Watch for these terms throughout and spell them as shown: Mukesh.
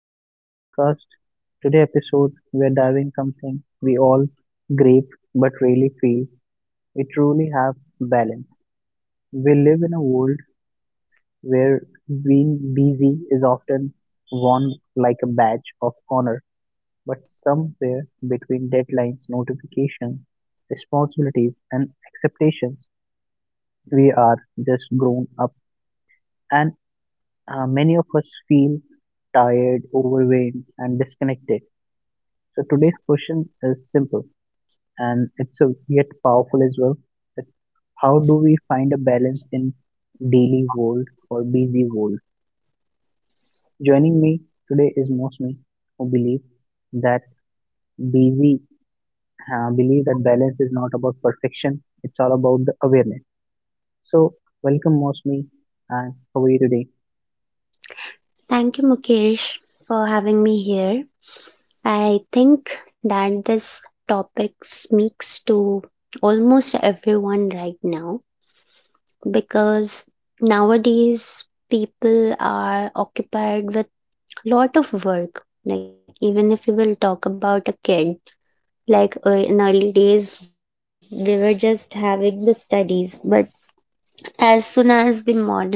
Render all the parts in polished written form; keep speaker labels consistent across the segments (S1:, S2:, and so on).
S1: back to the podcast. Today episode we are diving something we all grieve but really feel we truly have balance. We live in a world where being busy is often worn like a badge of honor, but somewhere between deadlines, notifications, responsibilities and expectations, we are just grown up and many of us feel tired, overwhelmed and disconnected. So today's question is simple and yet powerful as well. That how do we find a balance in daily world or busy world? Joining me today is mostly who believe that busy believe that balance is not about perfection. It's all about the awareness. So welcome mostly and how are you today?
S2: Thank you, Mukesh, for having me here. I think that this topic speaks to almost everyone right now because nowadays people are occupied with lot of work. Like, even if we will talk about a kid, like in early days, they were just having the studies. But as soon as the modern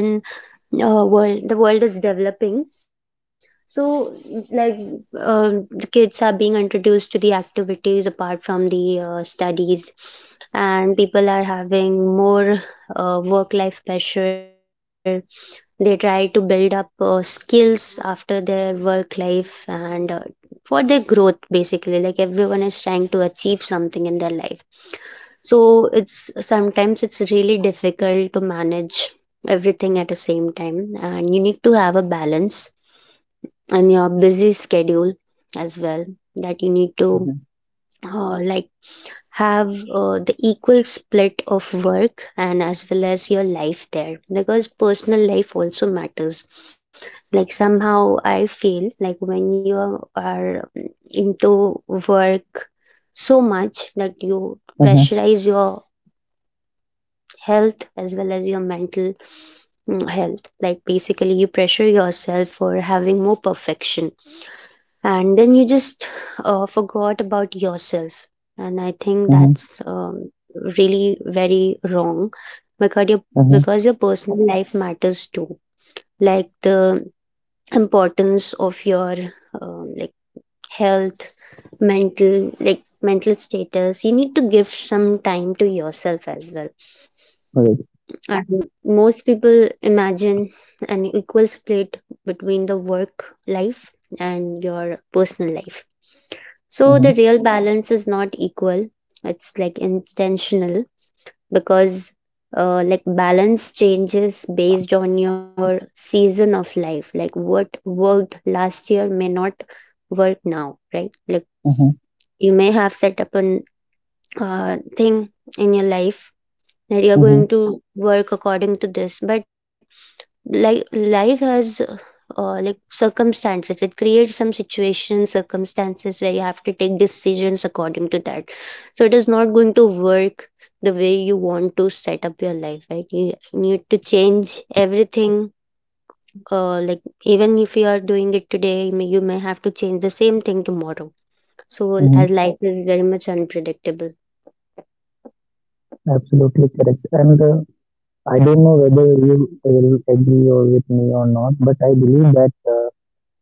S2: world is developing, so like the kids are being introduced to the activities apart from the studies, and people are having more work life pressure. They try to build up skills after their work life, and for their growth. Basically, like everyone is trying to achieve something in their life, so it's sometimes it's really difficult to manage everything at the same time, and you need to have a balance in your busy schedule as well, that you need to
S1: Mhm,
S2: like have the equal split of work and as well as your life there, because personal life also matters. Like, somehow I feel like when you are into work so much that you
S1: mhm,
S2: pressurize your health as well as your mental health. Like, basically you pressure yourself for having more perfection, and then you just forgot about yourself. And I think
S1: mhm,
S2: that's really very wrong, because your
S1: mhm.
S2: because your personal life matters too. Like, the importance of your like health, mental, like mental status. You need to give some time to yourself as well.
S1: Great.
S2: And most people imagine an equal split between the work life and your personal life. So
S1: Mhm,
S2: the real balance is not equal. It's like intentional, because like balance changes based on your season of life. Like, what worked last year may not work now, right? Like,
S1: mhm,
S2: you may have set up an thing in your life that you're
S1: mhm,
S2: going to work according to this. But like life has like circumstances, it creates some situations, circumstances where you have to take decisions according to that. So it is not going to work the way you want to set up your life, right? You need to change everything. Like, even if you are doing it today, you may have to change the same thing tomorrow. So as
S1: mhm.
S2: life is very much unpredictable.
S1: Absolutely correct. And. I don't know whether you will agree or with me or not, but I believe that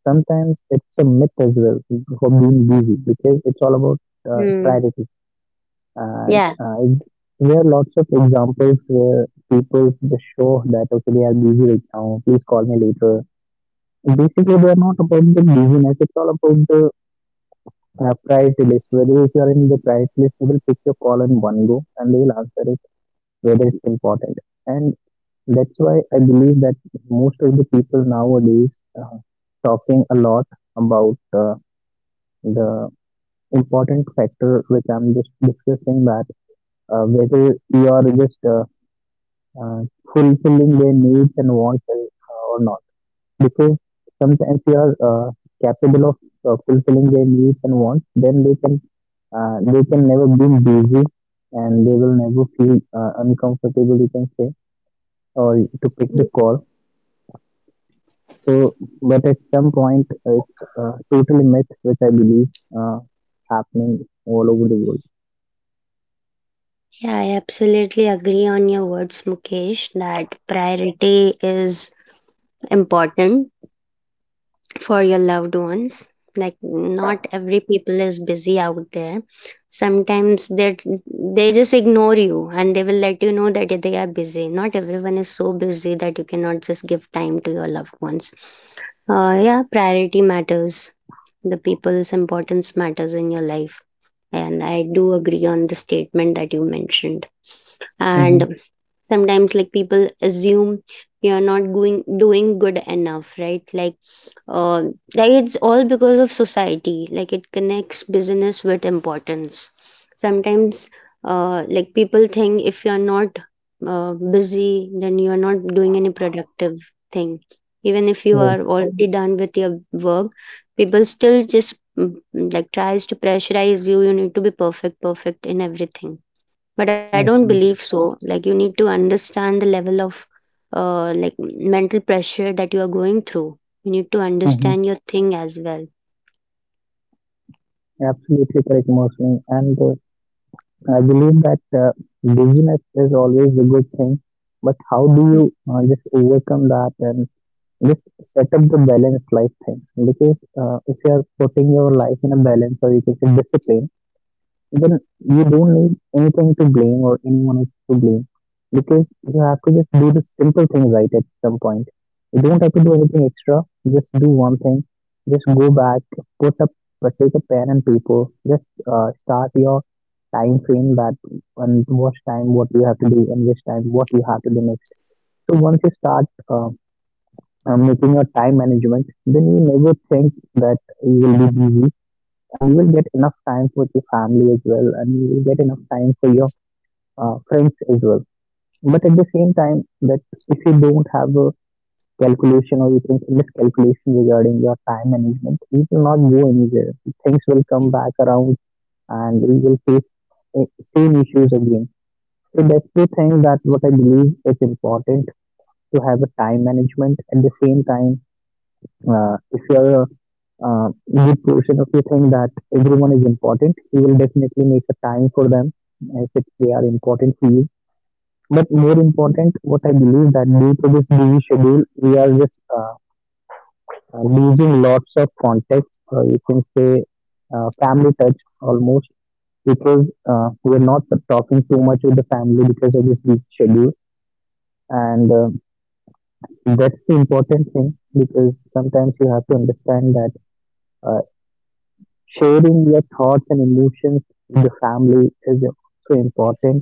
S1: sometimes it's a myth as well for being busy because it's all about
S2: Hmm.
S1: priority. And
S2: Yeah,
S1: uh, it- there are lots of examples where people just show that okay, they are busy right now. Please call me later. Basically, they are not about the busyness. It's all about the priority list. Whether if you are in the priority list, they will pick your call in one go and they will answer it whether it's important. And that's why I believe that most of the people nowadays uh, talking a lot about the important factor which I'm just discussing that whether you are just uh, fulfilling their needs and wants uh,, or not. Because sometimes you are capable of fulfilling their needs and wants, then they can never be busy and they will never feel uncomfortable. You can say or to pick the call. So, but at some point, it's a total myth which I believe uh, happening all over the world.
S2: yeah, I absolutely agree on your words, Mukesh, that priority is important for your loved ones. Like, not every people is busy out there. Sometimes they just ignore you and they will let you know that they are busy. Not everyone is so busy that you cannot just give time to your loved ones. Yeah, priority matters. The people's importance matters in your life, and I do agree on the statement that you mentioned.
S1: Hmm.
S2: And sometimes, like, people assume you're not going doing good enough, right? Like, uh, like it's all because of society, like it connects business with importance. Sometimes, like people think if you're not busy, then you're not doing any productive thing, even if you
S1: Right,
S2: are already done with your work. People still just like tries to pressurize you. You need to be perfect perfect in everything. But I don't believe
S1: absolutely.
S2: so. Like, you need to understand the level of like mental pressure that you are going through. You need to
S1: Hmm.
S2: understand your thing as well.
S1: Absolutely correct, mostly. And I believe that busyness is always a good thing, but how do you just overcome that and just set up the balanced life thing? Because if you are putting your life in a balance or you can say discipline, then you don't need anything to blame or anyone else to blame because you have to just do the simple thing right at some point. You don't have to do anything extra. Just do one thing. Just go back, put up, take a pen and paper. Just start your time frame that and what time what you have to do and which time what you have to do next. So once you start making your time management, then you never think that you will be busy and you will get enough time for your family as well and you will get enough time for your friends as well, but at the same time that if you don't have a calculation or you can say miscalculation regarding your time management, you will not go anywhere. Things will come back around and you will face uh, same issues again. So that's the thing that what I believe is important to have a time management at the same time. Uh, if you're a uh, good portion of you think that everyone is important, you will definitely make a time for them as if they are important for you. But more important, what I believe that due to this busy schedule, we are just losing lots of context, or you can say family touch almost, because we're not talking too much with the family because of this busy schedule. And that's the important thing because sometimes you have to understand that uh, sharing your thoughts and emotions with the family is also important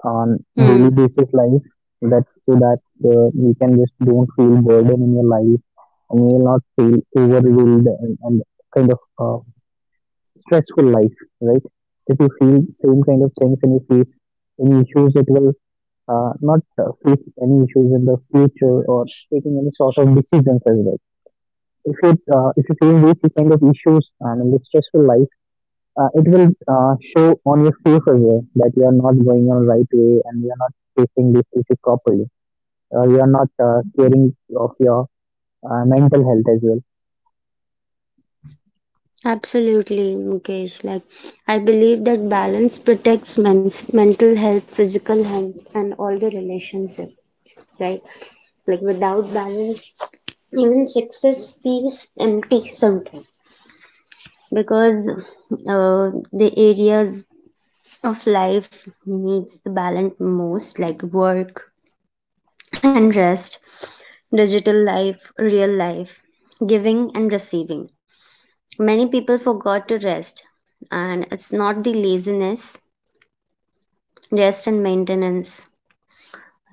S1: on daily
S2: Hmm.
S1: basis life. That's so that you can just don't feel burden in your life and you will not feel overwhelmed and kind of stressful life, right? If you feel same kind of things and you face any issues, it will not face any issues in the future or taking any sort of decisions as well. If you feel these kind of issues and in the stressful life, it will show on your face as well that you are not going on right way and you are not facing this issue properly. You are not caring of your mental health as well.
S2: Absolutely, Mukesh. Like, I believe that balance protects men's mental health, physical health, and all the relationship, right? Like, without balance, even success feels empty sometimes, because uh, the areas of life needs the balance most, like work and rest, digital life, real life, giving and receiving. Many people forgot to rest, and it's not the laziness, rest and maintenance.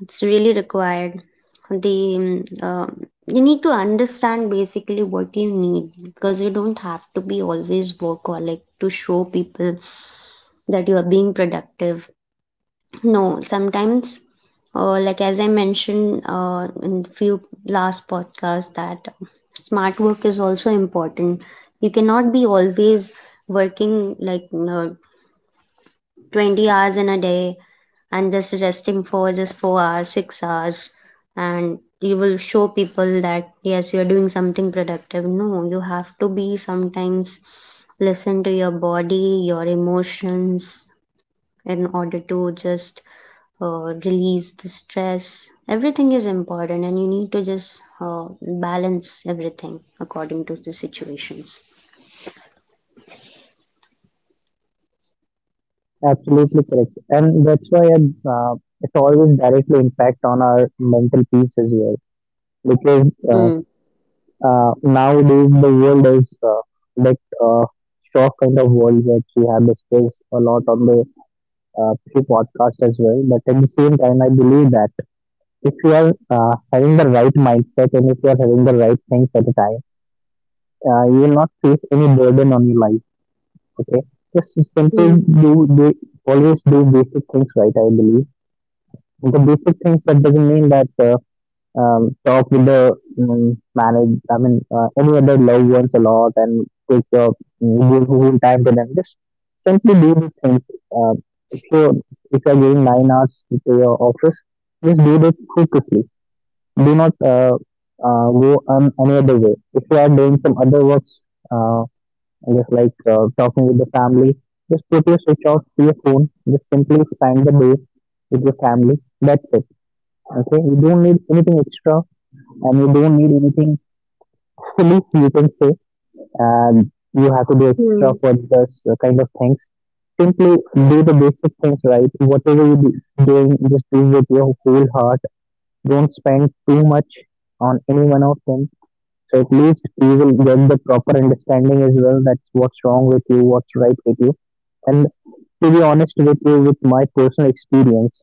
S2: It's really required. The you need to understand basically what you need, because you don't have to be always workaholic to show people that you are being productive. No, sometimes, like as I mentioned in the few last podcasts, that smart work is also important. You cannot be always working, like, you know, 20 hours in a day and just resting for just 4 hours, 6 hours, and you will show people that yes, you're doing something productive. No, you have to be sometimes listen to your body, your emotions, in order to just release the stress. Everything is important, and you need to just balance everything according to the situations.
S1: Absolutely correct, and that's why it always directly impact on our mental peace as well. Because uh,
S2: Mm.
S1: uh, nowadays the world is that uh, shock kind of world that we have discussed a lot on the pre-podcast as well. But at the same time, I believe that if you are having the right mindset and if you are having the right things at a time, you will not face any burden on your life. Okay, just simply
S2: Mm,
S1: do always do basic things right. I believe the basic things that doesn't mean that talk with the manage. I mean, any other loved ones a lot and take your give whole time to them. Just simply do the things. Uh, if you if you are giving 9 hours to your office, just do it focusly. Do not go on any other way. If you are doing some other works, uh, just like talking with the family, just put your switch off to your phone. Just simply spend the day with your family. That's it. Okay, you don't need anything extra, and you don't need anything silly. You can say, and you have to do
S2: mm,
S1: extra for this kind of things. Simply do the basic things right. Whatever you be doing, just do with your whole heart. Don't spend too much on any one of them. So at least you will get the proper understanding as well. That's what's wrong with you, what's right with you. And to be honest with you, with my personal experience,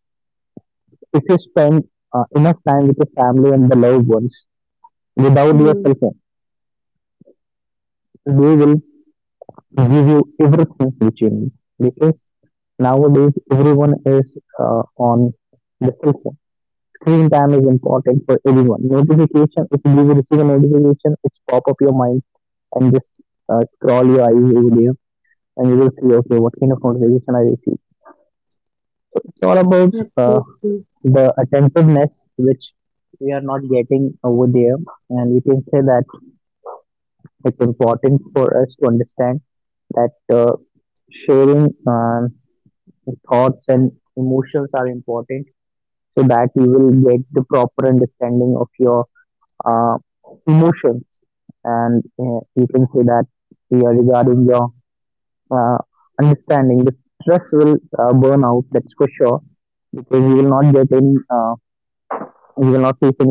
S1: if you spend enough time with your family and the loved ones without your cell
S2: mm,
S1: phone, they will give you everything which you need. Because nowadays everyone is on the cell phone. Screen time is important for everyone. Notification, if you receive a notification, it's pop up your mind and just scroll your eyes over there and you will see okay what kind of notification I receive. It's all about
S2: absolutely.
S1: the attentiveness which we are not getting over there, and we can say that it's important for us to understand that sharing thoughts and emotions are important so that you will get the proper understanding of your uh, emotions and you can say that yeah, regarding your uh, understanding. The stress will burn out. That's for sure. Because you will not get any, you will not face any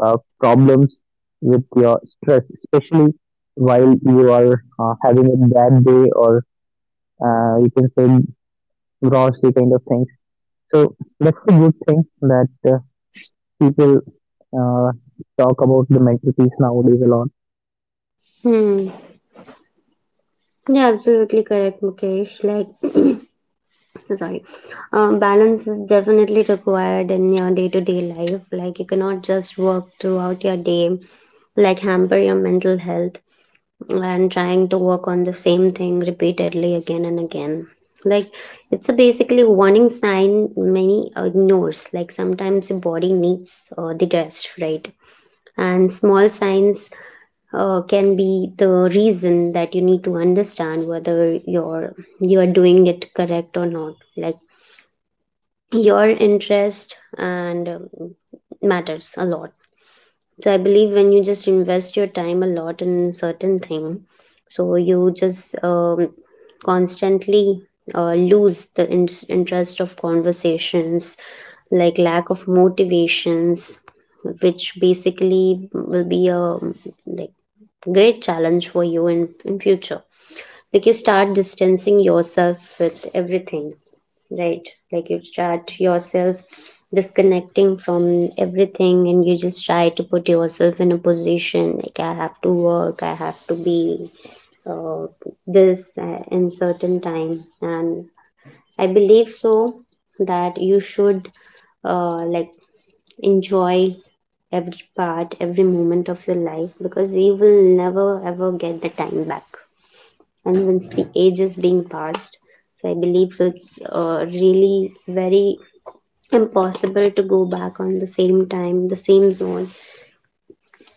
S1: problems with your stress, especially while you are having a bad day or you can say grossy kind of things. So that's the good thing that people uh, talk about the mental peace nowadays a lot.
S2: Hmm. Yeah, absolutely correct, Mukesh. Like, so sorry. Balance is definitely required in your day-to-day life. Like, you cannot just work throughout your day, like hamper your mental health, and trying to work on the same thing repeatedly again and again. Like, it's a basically warning sign many ignores. Like, sometimes the body needs the rest, right? And small signs can be the reason that you need to understand whether you're you are doing it correct or not. Like, your interest and matters a lot. So I believe when you just invest your time a lot in certain thing, so you just constantly lose the interest of conversations, like lack of motivations, which basically will be a, like, great challenge for you in future. Like, you start distancing yourself with everything, right? Like, you start yourself disconnecting from everything, and you just try to put yourself in a position like I have to work, I have to be uh, this in certain time. And I believe so that you should like enjoy every part, every moment of your life, because you will never ever get the time back. And once the age is being passed, so I believe so it's really very impossible to go back on the same time, the same zone.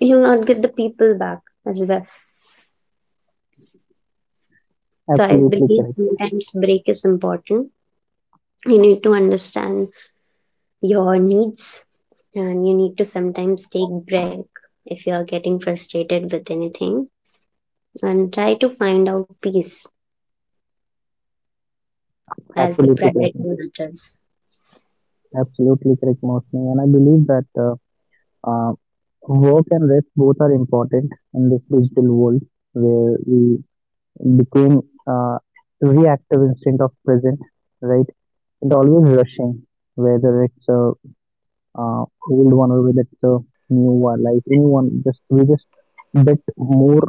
S2: You'll not get the people back as well. So I
S1: Absolutely
S2: believe
S1: correct.
S2: sometimes break is important. You need to understand your needs, and you need to sometimes take break if you are getting frustrated with anything, and try to find out peace, as the
S1: Absolutely
S2: priority
S1: correct.
S2: matters.
S1: Absolutely correct, Mostly. And I believe that Uh, work and rest both are important in this digital world where we became uh, reactive instead of present, right? And always rushing, whether it's a uh, old one or whether it's a new one, like anyone, just we just bit more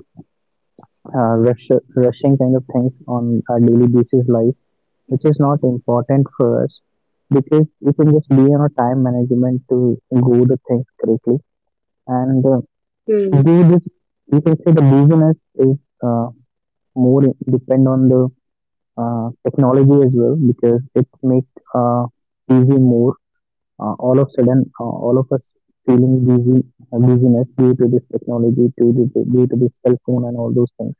S1: uh, rush, rushing kind of things on our daily basis life, which is not important for us because we can just be on a time management to go the things correctly and
S2: Hmm.
S1: do this, you can say the business is uh, more depend on the technology as well because it makes busy more. All of a sudden, all of us feeling busy, busyness due to this technology, due to this cell phone and all those things.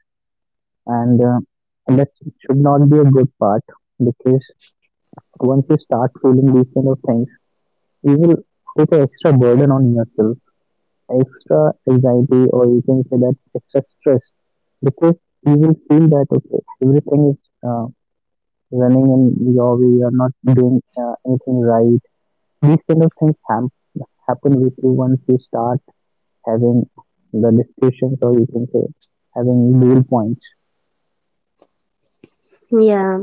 S1: And that should not be a good part because once you start feeling these kind of things, you will put an extra burden on yourself, extra anxiety or you can say that extra stress because you will feel that okay everything is uh, running in your way, you're not doing anything right. These kind of things happen with you once you start having the discussions or you can say having goal points.
S2: Yeah.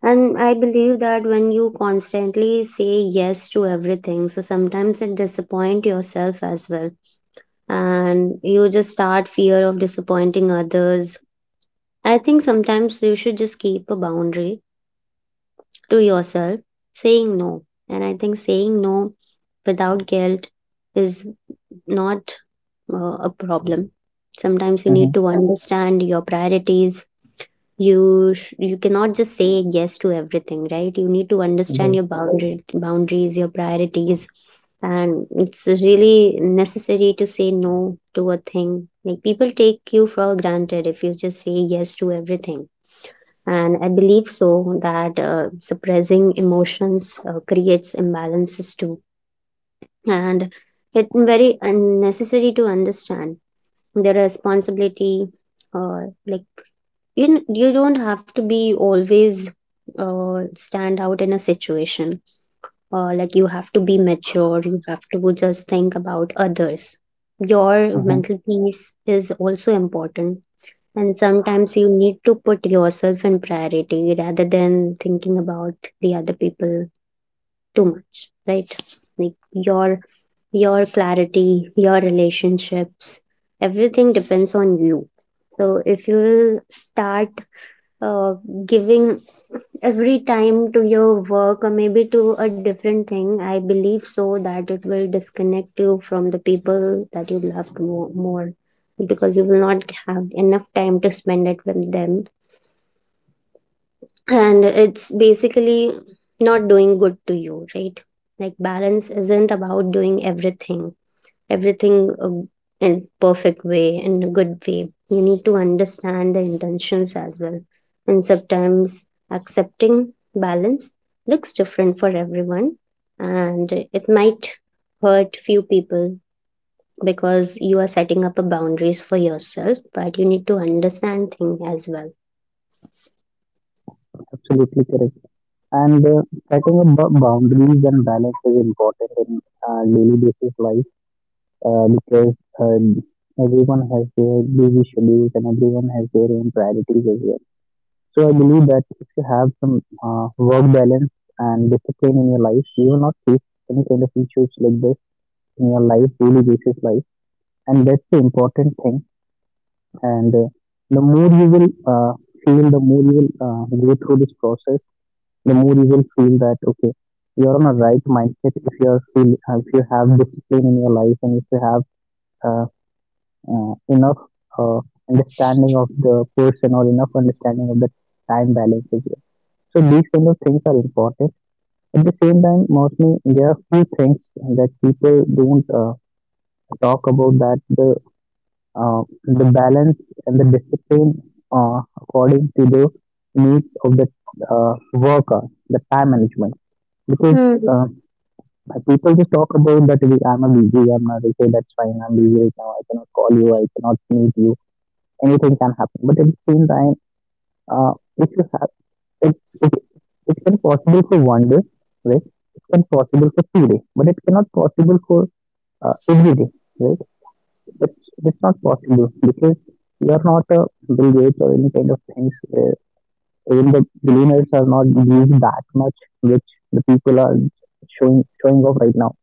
S2: And I believe that when you constantly say yes to everything, so sometimes it disappoint yourself as well, and you just start fear of disappointing others. I think sometimes you should just keep a boundary to yourself, saying no. And I think saying no without guilt is not a problem. Sometimes you
S1: Hmm.
S2: need to understand your priorities. You cannot just say yes to everything, right? You need to understand
S1: Right.
S2: your boundary boundaries, your priorities. And it's really necessary to say no to a thing, like people take you for granted if you just say yes to everything. And I believe so that suppressing emotions creates imbalances too. And it very unnecessary to understand the responsibility, or like you you don't have to be always stand out in a situation. Like, you have to be mature, you have to just think about others. Your
S1: Hmm.
S2: mental peace is also important. And sometimes you need to put yourself in priority rather than thinking about the other people too much, right? Like, your your clarity, your relationships, everything depends on you. So if you will start uh, giving every time to your work or maybe to a different thing, I believe so that it will disconnect you from the people that you loved more, because you will not have enough time to spend it with them. And it's basically not doing good to you, right? Like, balance isn't about doing everything, everything um, in perfect way, in a good way. You need to understand the intentions as well. And sometimes accepting balance looks different for everyone, and it might hurt few people because you are setting up a boundaries for yourself, but you need to understand things as well.
S1: Absolutely correct and setting up boundaries and balance is important in daily basis life because uh, everyone has their busy schedules and everyone has their own priorities as well. So I believe that if you have some work balance and discipline in your life, you will not face any kind of issues like this in your life, daily basis life, and that's the important thing. And The more you will feel, the more you will go through this process, the more you will feel that okay, you're on a right mindset if you are feel if you have discipline in your life and if you have uh, enough uh, understanding of the person or enough understanding of the time balance as well. So these kind of things are important. At the same time, mostly there are few things that people don't talk about, that the balance and the discipline according to the needs of the worker, the time management. Because
S2: Hmm.
S1: uh, people just talk about I'm a busy, I'm not okay, that's fine, I'm busy right now, I cannot call you, I cannot meet you, anything can happen. But at the same time, uh, if you have it, okay, it can possible for 1 day, right? It can possible for 2 days, but it cannot possible for every day, right? It's not possible because you are not a Bill Gates or any kind of things. Even the billionaires are not used that much, which the people are showing off right now.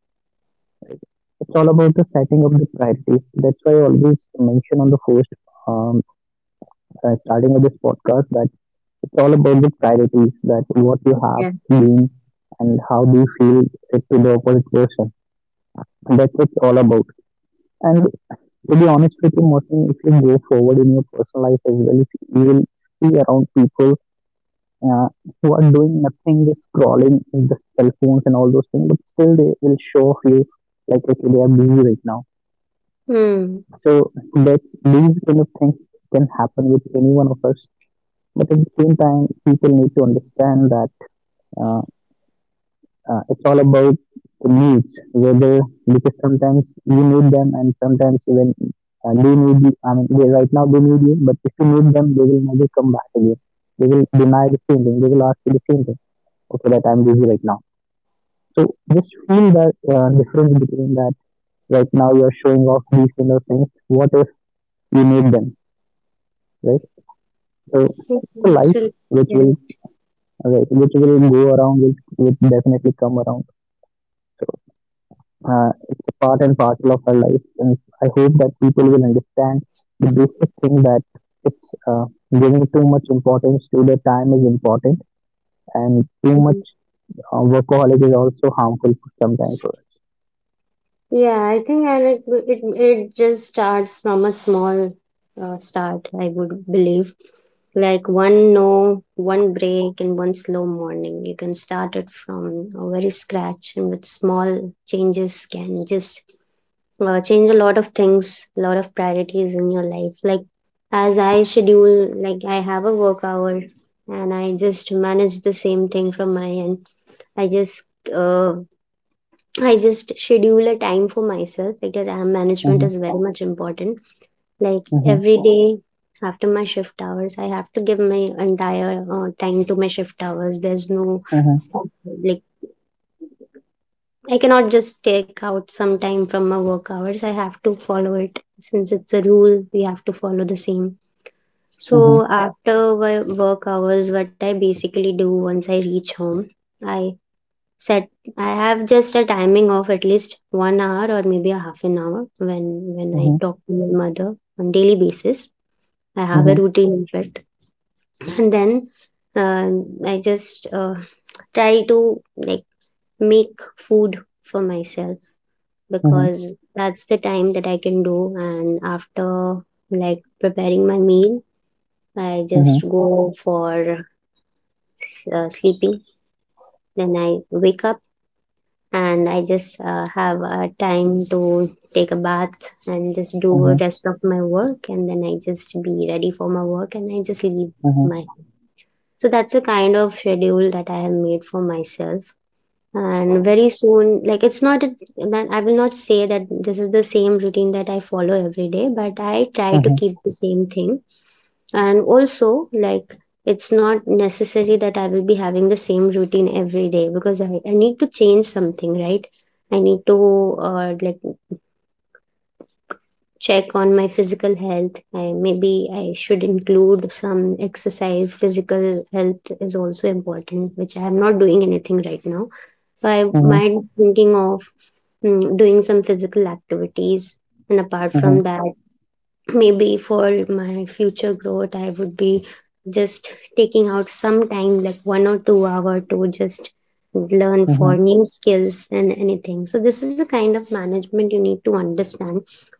S1: It's all about the setting of the priorities. That's why I always mention on the first um, starting of this podcast that it's all about the priorities, that what you have
S2: Yeah.
S1: being, and how do you feel it to the opposite person. And that's what it's all about. And to be honest with you, Morten, if you go forward in your personal life as well, if you will see around people uh, who are doing nothing, just scrolling with the cell phones and all those things, but still they will show off you like, okay, they are busy right now.
S2: Hmm.
S1: So that these kind of things can happen with any one of us. But at the same time, people need to understand that uh, it's all about the needs, whether, because sometimes you need them and sometimes when they need you, I mean, right now they need you, but if you need them, they will never come back again. They will deny the same thing. They will ask you the same thing. Okay, that I'm busy right now. So just feel that difference between that. Right now you are showing off these kind of things. What if you need them, right? So
S2: Yeah,
S1: it's a life which will,
S2: absolutely
S1: right, which will go around, which will definitely come around. So, it's a part and parcel of our life, and I hope that people will understand the basic thing, that it's giving too much importance to their time is important, and too much
S2: correct.
S1: workaholic is also harmful for sometimes for us.
S2: Yeah, I think, and it just starts from a small start, I would believe. Like, one no, one break, and one slow morning. You can start it from a very scratch, and with small changes, can just change a lot of things, a lot of priorities in your life. Like, as I schedule, like I have a work hour, and I just manage the same thing from my end. I just uh, I just schedule a time for myself, because time management is
S1: Mhm,
S2: very much important. Like,
S1: mhm,
S2: every day after my shift hours, I have to give my entire time to my shift hours. There's no,
S1: mhm,
S2: like, I cannot just take out some time from my work hours. I have to follow it since it's a rule. We have to follow the same. So
S1: mhm,
S2: after work hours, what I basically do once I reach home, I set, I have just a timing of at least one hour, or maybe a half an hour, when I
S1: mhm,
S2: talk to my mother on daily basis. I have a
S1: mhm,
S2: routine, in fact. And then, uh, I just try to, like, make food for myself, because that's the time that I can do. And after, like, preparing my meal, I just
S1: mhm,
S2: go for sleeping. Then I wake up, and I just have time to take a bath, and just do
S1: mhm,
S2: rest of my work. And then I just be ready for my work, and I just leave
S1: mhm,
S2: my.
S1: mhm,
S2: So that's the kind of schedule that I have made for myself. And very soon, like, it's not a, that I will not say that this is the same routine that I follow every day, but I try to
S1: mhm,
S2: keep the same thing. And also, like, it's not necessary that I will be having the same routine every day, because I need to change something, right? I need to like check on my physical health. I, maybe I should include some exercise. Physical health is also important, which I am not doing anything right now. So I
S1: mhm,
S2: might thinking of doing some physical activities. And apart
S1: mhm,
S2: from that, maybe for my future growth, I would be just taking out some time, like one or two hour, to just learn for
S1: mhm,
S2: new skills and anything. So this is a kind of management you need to understand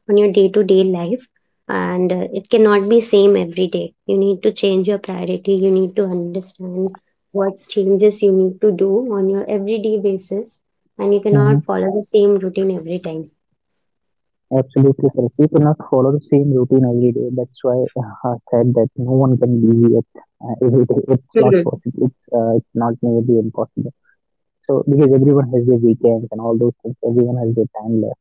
S2: on your day to day life. And it cannot be same every day. You need to change your priority. You need to understand what changes you need to do on your everyday basis, and you cannot
S1: mhm.
S2: follow the same routine every time.
S1: Absolutely correct. You cannot follow the same routine every day. That's why I said that no one can be it every day. It's not possible. It's not nearly impossible. So because everyone has their weekends and all those things, everyone has their time left.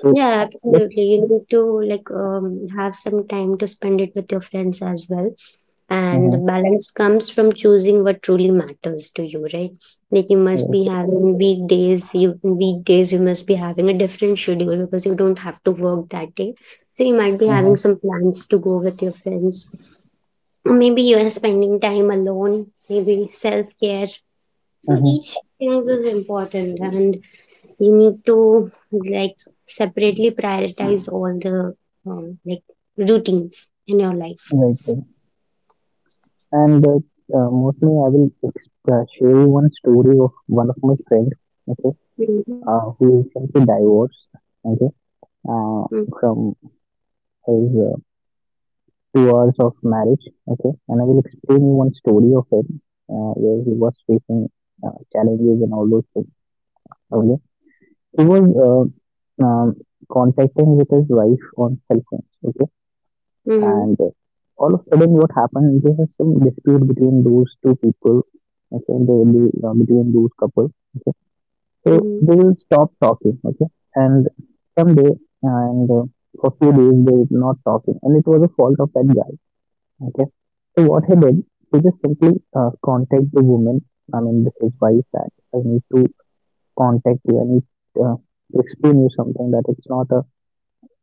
S1: So
S2: Yeah,
S1: let's,
S2: absolutely. You need to, like, have some time to spend it with your friends as well. And
S1: uh-huh,
S2: the balance comes from choosing what truly matters to you, right? Like, you must be
S1: right,
S2: having weekdays, you must be having a different schedule because you don't have to work that day. So you might be
S1: uh-huh,
S2: having some plans to go with your friends. Or maybe you are spending time alone, maybe self-care. So
S1: uh-huh,
S2: each thing is important, and you need to, like, separately prioritize all the like routines in your life.
S1: right, right. And Mostly I will share you one story of one of my friend. Okay,
S2: Hmm.
S1: who recently divorced. Okay, uh, from his 2 hours of marriage. Okay, and I will explain you one story of him where he was facing challenges and all those things. Okay, he was uh, um, contacting with his wife on cell phones. Okay,
S2: Hmm.
S1: and all of a sudden, what happened? There was some dispute between those two people. Okay, they will be between those couples. Okay, so
S2: Hmm.
S1: they will stop talking. Okay, and someday and for few days they were not talking, and it was a fault of that guy. Okay. So what he did, he just simply contact the woman. I mean, this is wife, that I need to contact you. I need uh, to explain you something, that it's not a,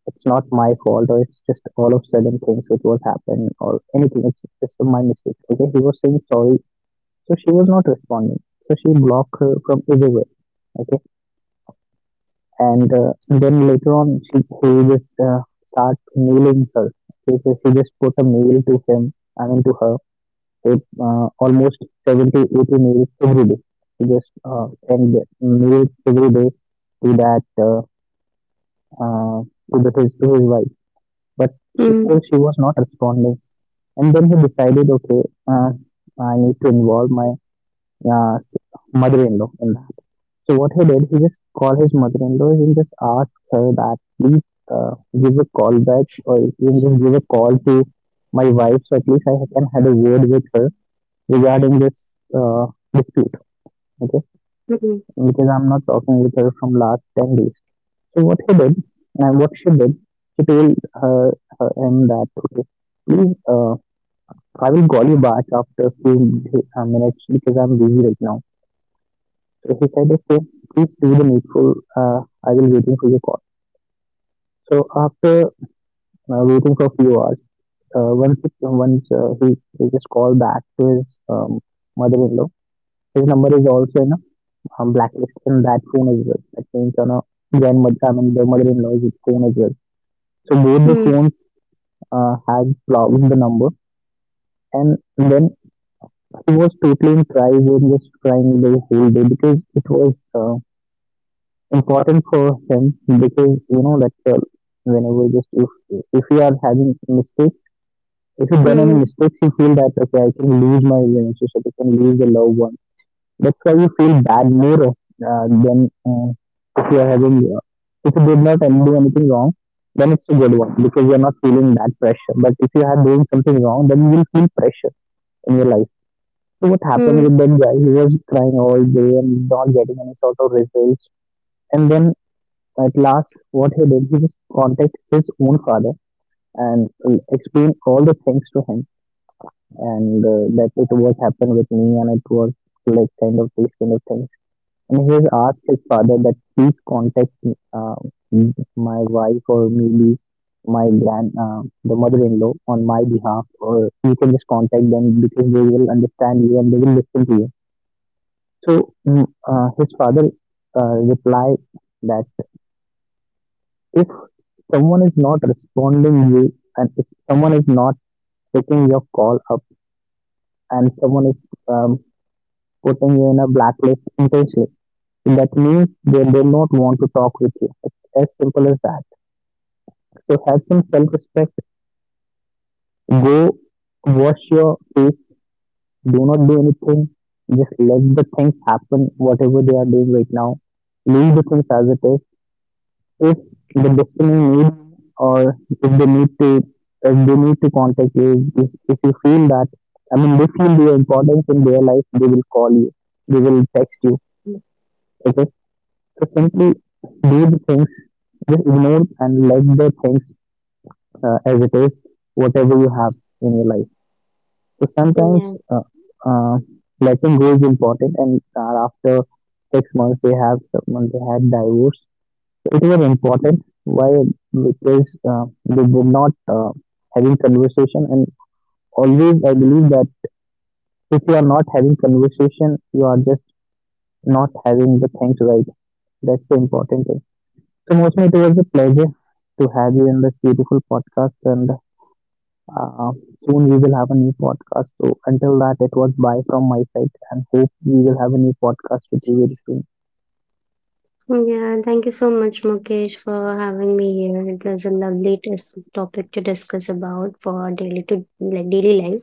S1: it's not my fault, or it's just all of sudden things which was happened or anything. It's just my mistake. Okay. He was saying sorry, so she was not responding. So she blocked her from everywhere. Okay. And then later on, she he just start mailing her. Okay. So she just put a mail to him. I mean to her, it, almost 70 80 meals every day, we just send the meals every day to that uh, to his wife, but she,
S2: Hmm.
S1: still she was not responding. And then he decided, okay, uh, I need to involve my uh, mother-in-law in that. So what he did, he just called his mother-in-law and just asked her that please, uh, give a call back, or even just give a call to my wife, so at least I can have a word with her regarding this uh, dispute, okay?
S2: Mm-hmm.
S1: Because I'm not talking with her from last 10 days. So what he did, and what she did, she told her, her him that, okay, please, I will call you back after a few minutes because I'm busy right now. So he said, okay, please do the needful. Uh, I will waiting for your call. So after waiting for a few hours, once he just called back to his mother-in-law, his number is also in blacklist in that phone as well. That means on a grandmother, I mean their mother-in-law's phone as well. So both the phones had blocked the number, and then he was totally in cries and just crying the whole day because it was important for him, because you know that whenever just if we are having mistakes, if you done
S2: Mm-hmm.
S1: any mistakes, you feel that okay, I can lose my relationship, I can lose the loved one. That's why you feel bad more of, than if you are having, if you did not and do anything wrong, then it's a good one because you're not feeling that pressure. But if you are doing something wrong, then you will feel pressure in your life. So what happened
S2: Hmm.
S1: with that guy? He was crying all day and not getting any sort of results. And then at last, what he did, he just contacted his own father and explained all the things to him, and that it was happened with me and it was like kind of these kind of things. And he has asked his father that please contact uh, my wife, or maybe my the mother-in-law on my behalf, or you can just contact them because they will understand you and they will listen to you. So his father replied that if someone is not responding you, and if someone is not picking your call up, and someone is um, putting you in a blacklist intentionally, that means they do not want to talk with you. It's as simple as that. So have some self respect. Go wash your face. Do not do anything. Just let the things happen, whatever they are doing right now. Leave the things as it is. If the destiny needs, or if they need to contact you, if you feel that, I mean they feel your importance in their life, they will call you. They will text you. Okay. So simply do the things, just ignore and let the things as it is, whatever you have in your life. So
S2: Yeah.
S1: sometimes uh, letting go is important, and after 6 months they have someone they had divorce. So it was important, why? Because they were not having conversation, and always I believe that if you are not having conversation, you are just not having the things right. That's the important thing. So mostly it was a pleasure to have you in this beautiful podcast, and Uh, soon we will have a new podcast. So until that, it was bye from my side, and hope we will have a new podcast with you very soon.
S2: Yeah. Thank you so much, Mukesh, for having me here. It was a lovely topic to discuss about, for daily to, like, daily life.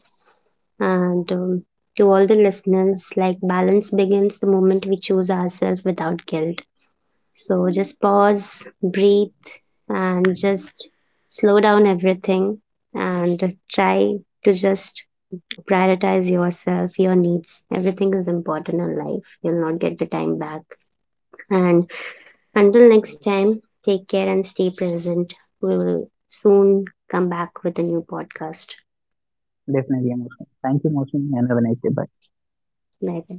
S2: And to all the listeners, like balance begins the moment we choose ourselves without guilt. So just pause, breathe, and just slow down everything, and try to just prioritize yourself, your needs. Everything is important in life. You'll not get the time back. And until next time, take care and stay present. We will soon come back with a new podcast.
S1: Definitely, Moshmi. Thank you, Moshmi, and have a nice day. Bye.
S2: Bye bye.